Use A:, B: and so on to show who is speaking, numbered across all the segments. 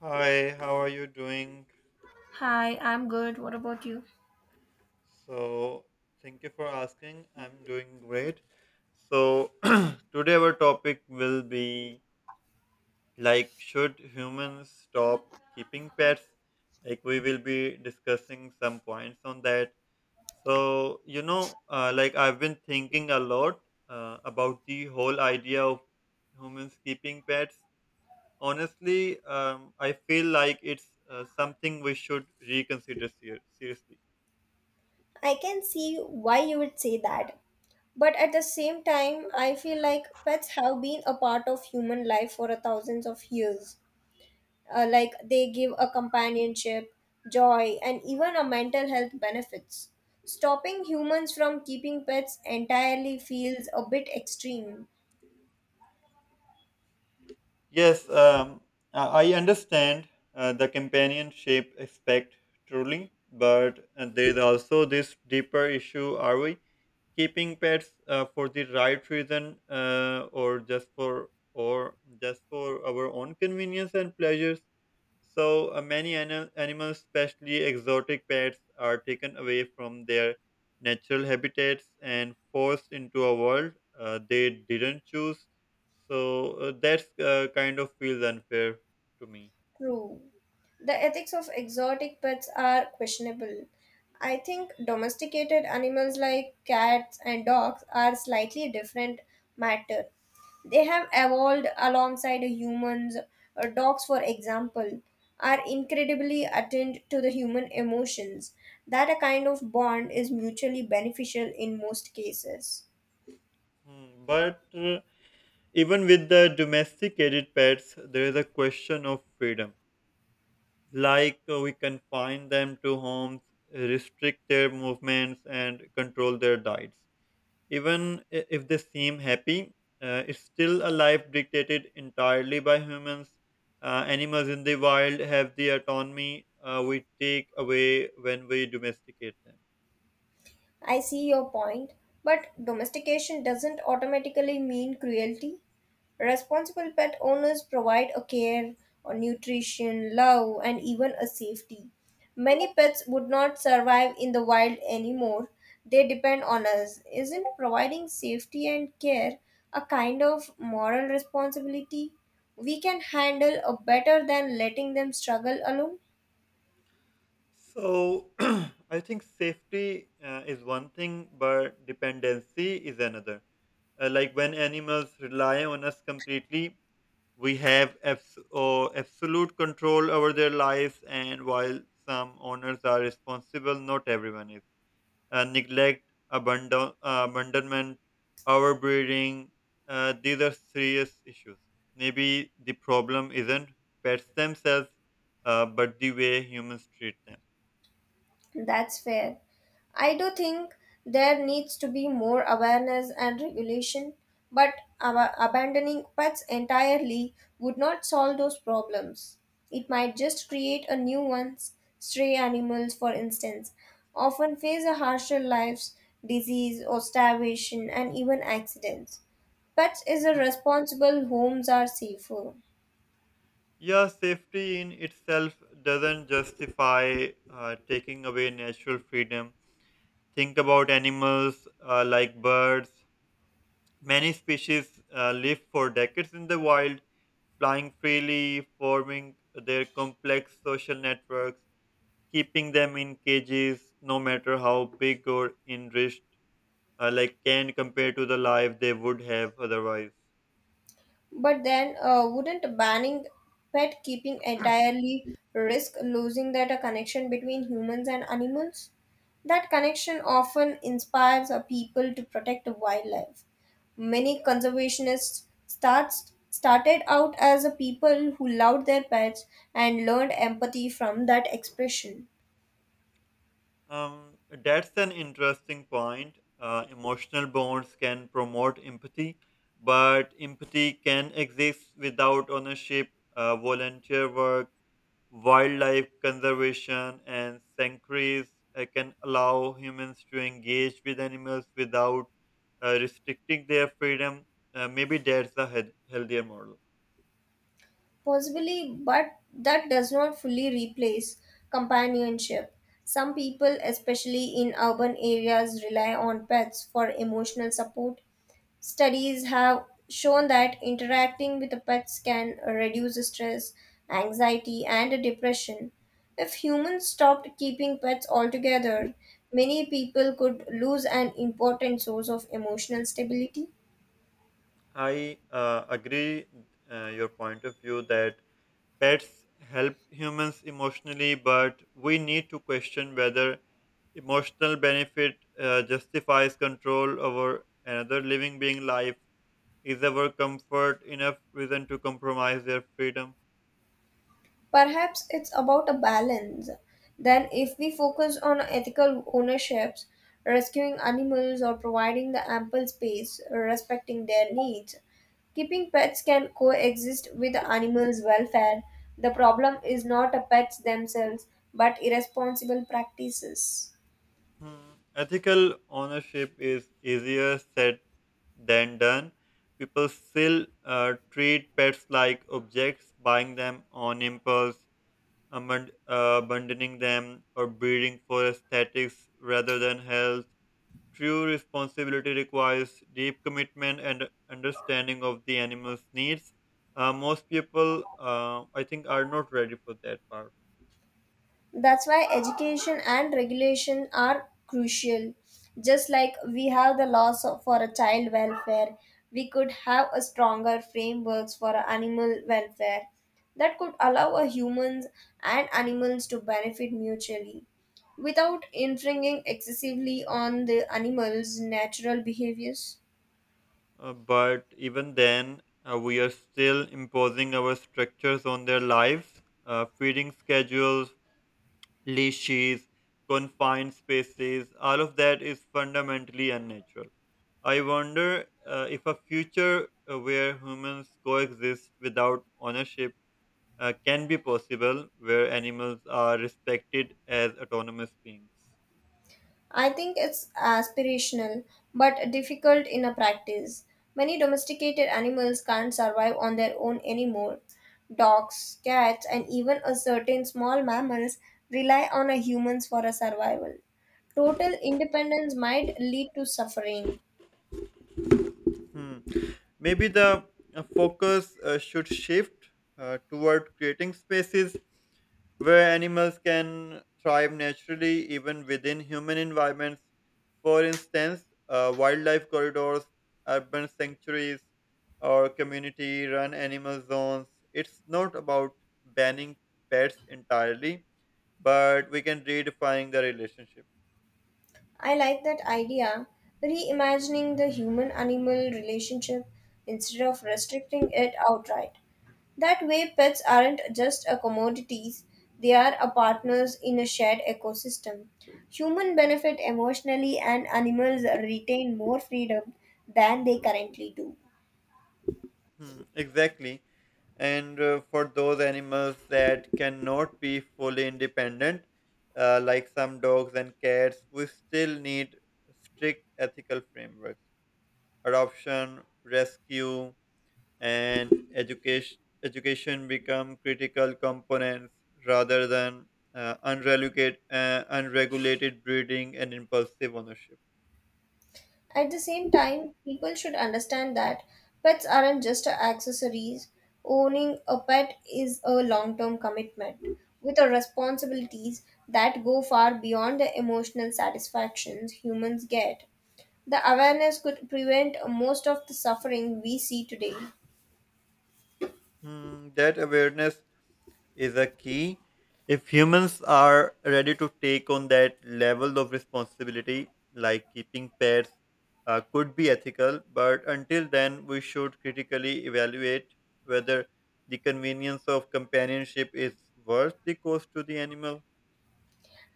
A: Hi, how are you doing?
B: Hi, I'm good. What about you?
A: So, thank you for asking. I'm doing great. So, today our topic will be, like, should humans stop keeping pets? Like, we will be discussing some points on that. So, I've been thinking a lot about the whole idea of humans keeping pets. Honestly, I feel like it's something we should reconsider seriously.
B: I can see why you would say that. But at the same time, I feel like pets have been a part of human life for a thousands of years. Like they give a
A: Mhm.
B: companionship, joy, and even a mental health benefits. Stopping humans from keeping pets entirely feels a bit extreme.
A: Yes, I understand the companionship aspect truly, but there is also this deeper issue. Are we keeping pets for the right reason, or just for our own convenience and pleasures? So many animals, especially exotic pets, are taken away from their natural habitats and forced into a world they didn't choose. So that's kind of feels unfair to me.
B: True. The ethics of exotic pets are questionable. I think domesticated animals like cats and dogs are slightly different matter. They have evolved alongside humans. Dogs, for example, are incredibly attuned to the human emotions. That a kind of bond is mutually beneficial in most cases.
A: Hmm. But even with the domesticated pets, there is a question of freedom. Like we confine them to homes, restrict their movements, and control their diets. Even if they seem happy, it's still a life dictated entirely by humans. Animals in the wild have the autonomy we take away when we domesticate them.
B: I see your point, but domestication doesn't automatically mean cruelty. Responsible pet owners provide a care, a nutrition, love, and even a safety. Many pets would not survive in the wild anymore. They depend on us. Isn't providing safety and care a kind of moral responsibility we can handle a better than letting them struggle alone?
A: So I think safety is one thing, but dependency is another. Like when animals rely on us completely, we have abs- or absolute control over their lives, and while some owners are responsible, not everyone is. Neglect, abandonment, overbreeding, these are serious issues. Maybe the problem isn't pets themselves, but the way humans treat them.
B: That's fair. I do think there needs to be more awareness and regulation, but abandoning pets entirely would not solve those problems. It might just create a new ones. Stray animals, for instance, often face a harsher life, disease or starvation, and even accidents. Pets is a responsible homes are safer.
A: Yeah, safety in itself doesn't justify taking away natural freedom. Think about animals like birds. Many species live for decades in the wild, flying freely, forming their complex social networks. Keeping them in cages, no matter how big or enriched, can compare to the life they would have otherwise.
B: But then, wouldn't banning pet keeping entirely risk losing that connection between humans and animals? That connection often inspires people to protect wildlife. Many conservationists started out as a people who loved their pets and learned empathy from that expression.
A: That's an interesting point. Emotional bonds can promote empathy, but empathy can exist without ownership. Volunteer work, wildlife conservation, and sanctuaries can allow humans to engage with animals without restricting their freedom. Maybe that's a healthier model.
B: Possibly, but that does not fully replace companionship. Some people, especially in urban areas, rely on pets for emotional support. Studies have shown that interacting with the pets can reduce stress, anxiety, and depression. If humans stopped keeping pets altogether, many people could lose an important source of emotional stability.
A: I agree your point of view that pets help humans emotionally, but we need to question whether emotional benefit justifies control over another living being life. Is our comfort enough reason to compromise their freedom?
B: Perhaps it's about a balance. Then, if we focus on ethical ownerships, rescuing animals or providing the ample space, respecting their needs, keeping pets can coexist with the animals' welfare. The problem is not the pets themselves, but irresponsible practices.
A: Hmm. Ethical ownership is easier said than done. People still treat pets like objects, buying them on impulse, abandoning them or breeding for aesthetics rather than health. True responsibility requires deep commitment and understanding of the animal's needs. Most people, I think, are not ready for that part.
B: That's why education and regulation are crucial. Just like we have the laws for a child welfare, we could have a stronger frameworks for a animal welfare that could allow a humans and animals to benefit mutually without infringing excessively on the animals' natural behaviors.
A: But even then, we are still imposing our structures on their lives: feeding schedules, leashes, confined spaces, all of that is fundamentally unnatural. I wonder if a future where humans coexist without ownership can be possible, where animals are respected as autonomous beings.
B: I think it's aspirational, but difficult in a practice. Many domesticated animals can't survive on their own anymore. Dogs, cats, and even a certain small mammals rely on a humans for a survival. Total independence might lead to suffering.
A: Hmm. Maybe the focus should shift toward creating spaces where animals can thrive naturally even within human environments. For instance, wildlife corridors, urban sanctuaries, or community run animal zones. It's not about banning pets entirely, but we can redefine the relationship.
B: I like that idea, reimagining the human animal relationship instead of restricting it outright. That way, pets aren't just a commodities, they are a partners in a shared ecosystem. Humans benefit emotionally and animals retain more freedom than they currently do.
A: Hmm, exactly. And for those animals that cannot be fully independent, like some dogs and cats, we still need strict ethical frameworks. Adoption, rescue, and education become critical components rather than unregulated breeding and impulsive ownership.
B: At the same time, people should understand that pets aren't just accessories. Owning a pet is a long term commitment with a responsibilities that go far beyond the emotional satisfactions humans get. The awareness could prevent most of the suffering we see today.
A: Hmm, that awareness is a key. If humans are ready to take on that level of responsibility, like keeping pets could be ethical, but until then, we should critically evaluate whether the convenience of companionship is worth the cost to the animal.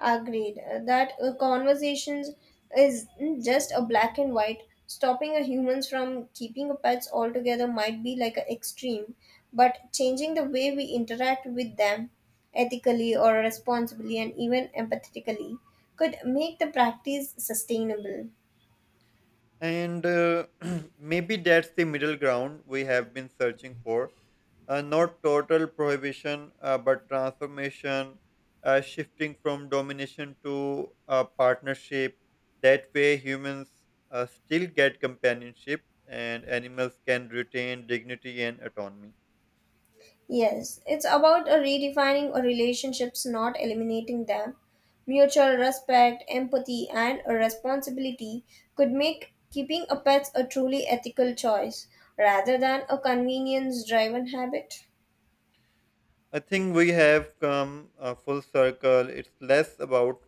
B: Agreed. That conversations is just a black and white. Stopping a humans from keeping a pets altogether might be like an extreme, but changing the way we interact with them ethically or responsibly and even empathetically could make the practice sustainable.
A: And maybe that's the middle ground we have been searching for. Not total prohibition, but transformation, shifting from domination to partnership. That way, humans still get companionship and animals can retain dignity and autonomy.
B: Yes, it's about a redefining a relationships, not eliminating them. Mutual respect, empathy, and a responsibility could make keeping a pet a truly ethical choice rather than a convenience driven habit.
A: I think we have come full circle. It's less about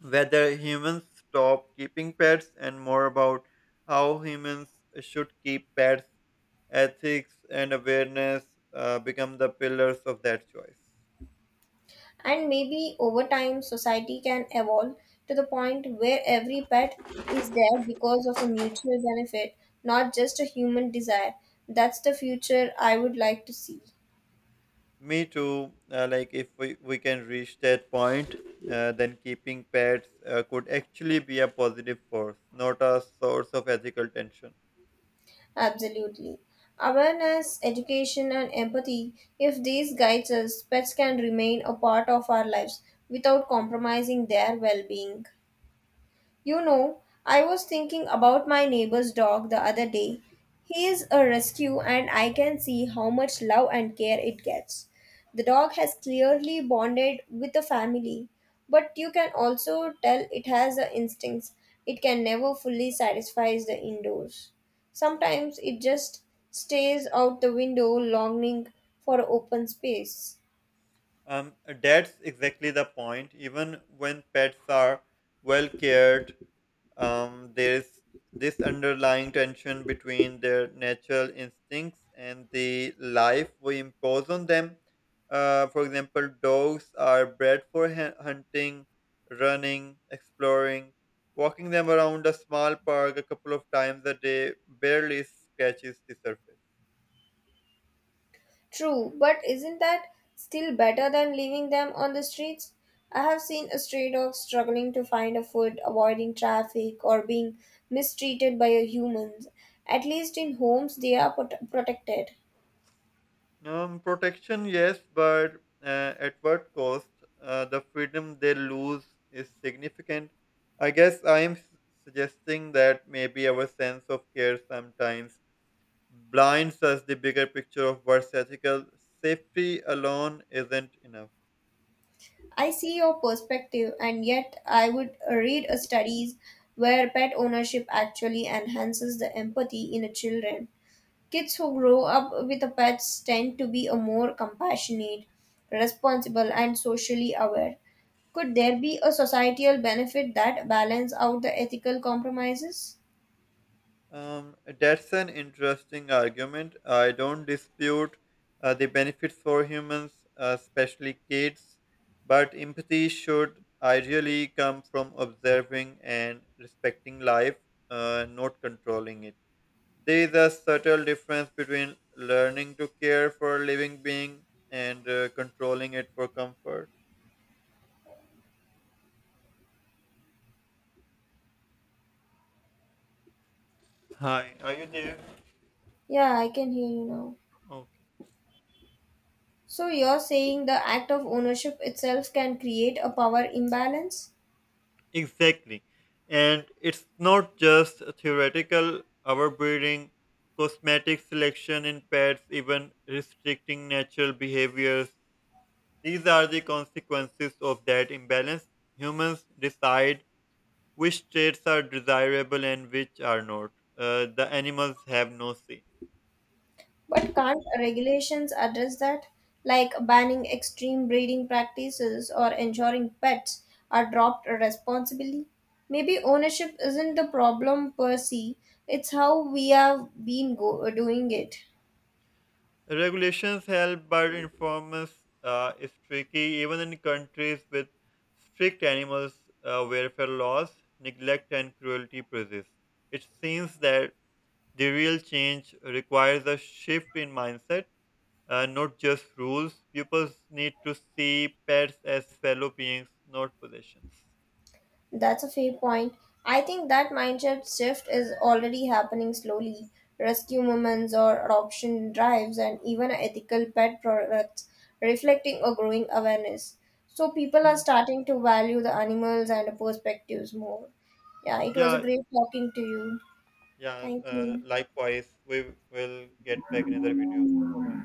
A: whether humans stop keeping pets and more about how humans should keep pets. Ethics and awareness become the pillars of that choice.
B: And maybe over time, society can evolve to the point where every pet is there because of a mutual benefit, not just a human desire. That's the future I would like to see.
A: Me too. Like if we can reach that point, then keeping pets could actually be a positive force, not a source of ethical tension.
B: Absolutely. Awareness, education, and empathy if these guides us, pets can remain a part of our lives without compromising their well being. You know, I was thinking about my neighbor's dog the other day. He is a rescue, and I can see how much love and care it gets. The dog has clearly bonded with the family, but you can also tell it has the instincts it can never fully satisfies the indoors. Sometimes it just stays out the window longing for open space.
A: Um, that's exactly the point. Even when pets are well cared, there's this underlying tension between their natural instincts and the life we impose on them. For example, dogs are bred for hunting, running, exploring. Walking them around a small park a couple of times a day barely scratches the surface.
B: True, but isn't that still better than leaving them on the streets? I have seen a stray dog struggling to find a food, avoiding traffic, or being mistreated by a humans. At least in homes, they are protected.
A: Protection, yes, but at what cost? The freedom they lose is significant. I guess I am suggesting that maybe our sense of care sometimes blinds us the bigger picture of what's ethical. Safety alone isn't enough.
B: I see your perspective, and yet I would read a studies where pet ownership actually enhances the empathy in a children. Kids who grow up with the pets tend to be a more compassionate, responsible, and socially aware. Could there be a societal benefit that balance out the ethical compromises?
A: That's an interesting argument. I don't dispute the benefits for humans, especially kids, but empathy should ideally come from observing and respecting life, not controlling it. There is a subtle difference between learning to care for a living being and controlling it for comfort. Hi, are you there?
B: Yeah, I can hear you now.
A: Okay.
B: So you're saying the act of ownership itself can create a power imbalance?
A: Exactly. And it's not just a theoretical: overbreeding, cosmetic selection in pets, even restricting natural behaviors. These are the consequences of that imbalance. Humans decide which traits are desirable and which are not. The animals have no say.
B: But can't regulations address that? Like banning extreme breeding practices or ensuring pets are dropped responsibly? Maybe ownership isn't the problem per se, it's how we have been doing it.
A: Regulations help, but enforcement is tricky. Even in countries with strict animal welfare laws, neglect and cruelty persist. It seems that the real change requires a shift in mindset, not just rules. People need to see pets as fellow beings, not possessions.
B: That's a fair point. I think that mindset shift is already happening slowly. Rescue movements or adoption drives, and even ethical pet products reflecting a growing awareness. So, people are
A: Hmm.
B: starting to value the animals and the perspectives more. Yeah, it was a
A: Yeah,
B: great talking to you.
A: yeah.
B: Thank you.
A: Likewise, we will get back another video. Bye bye.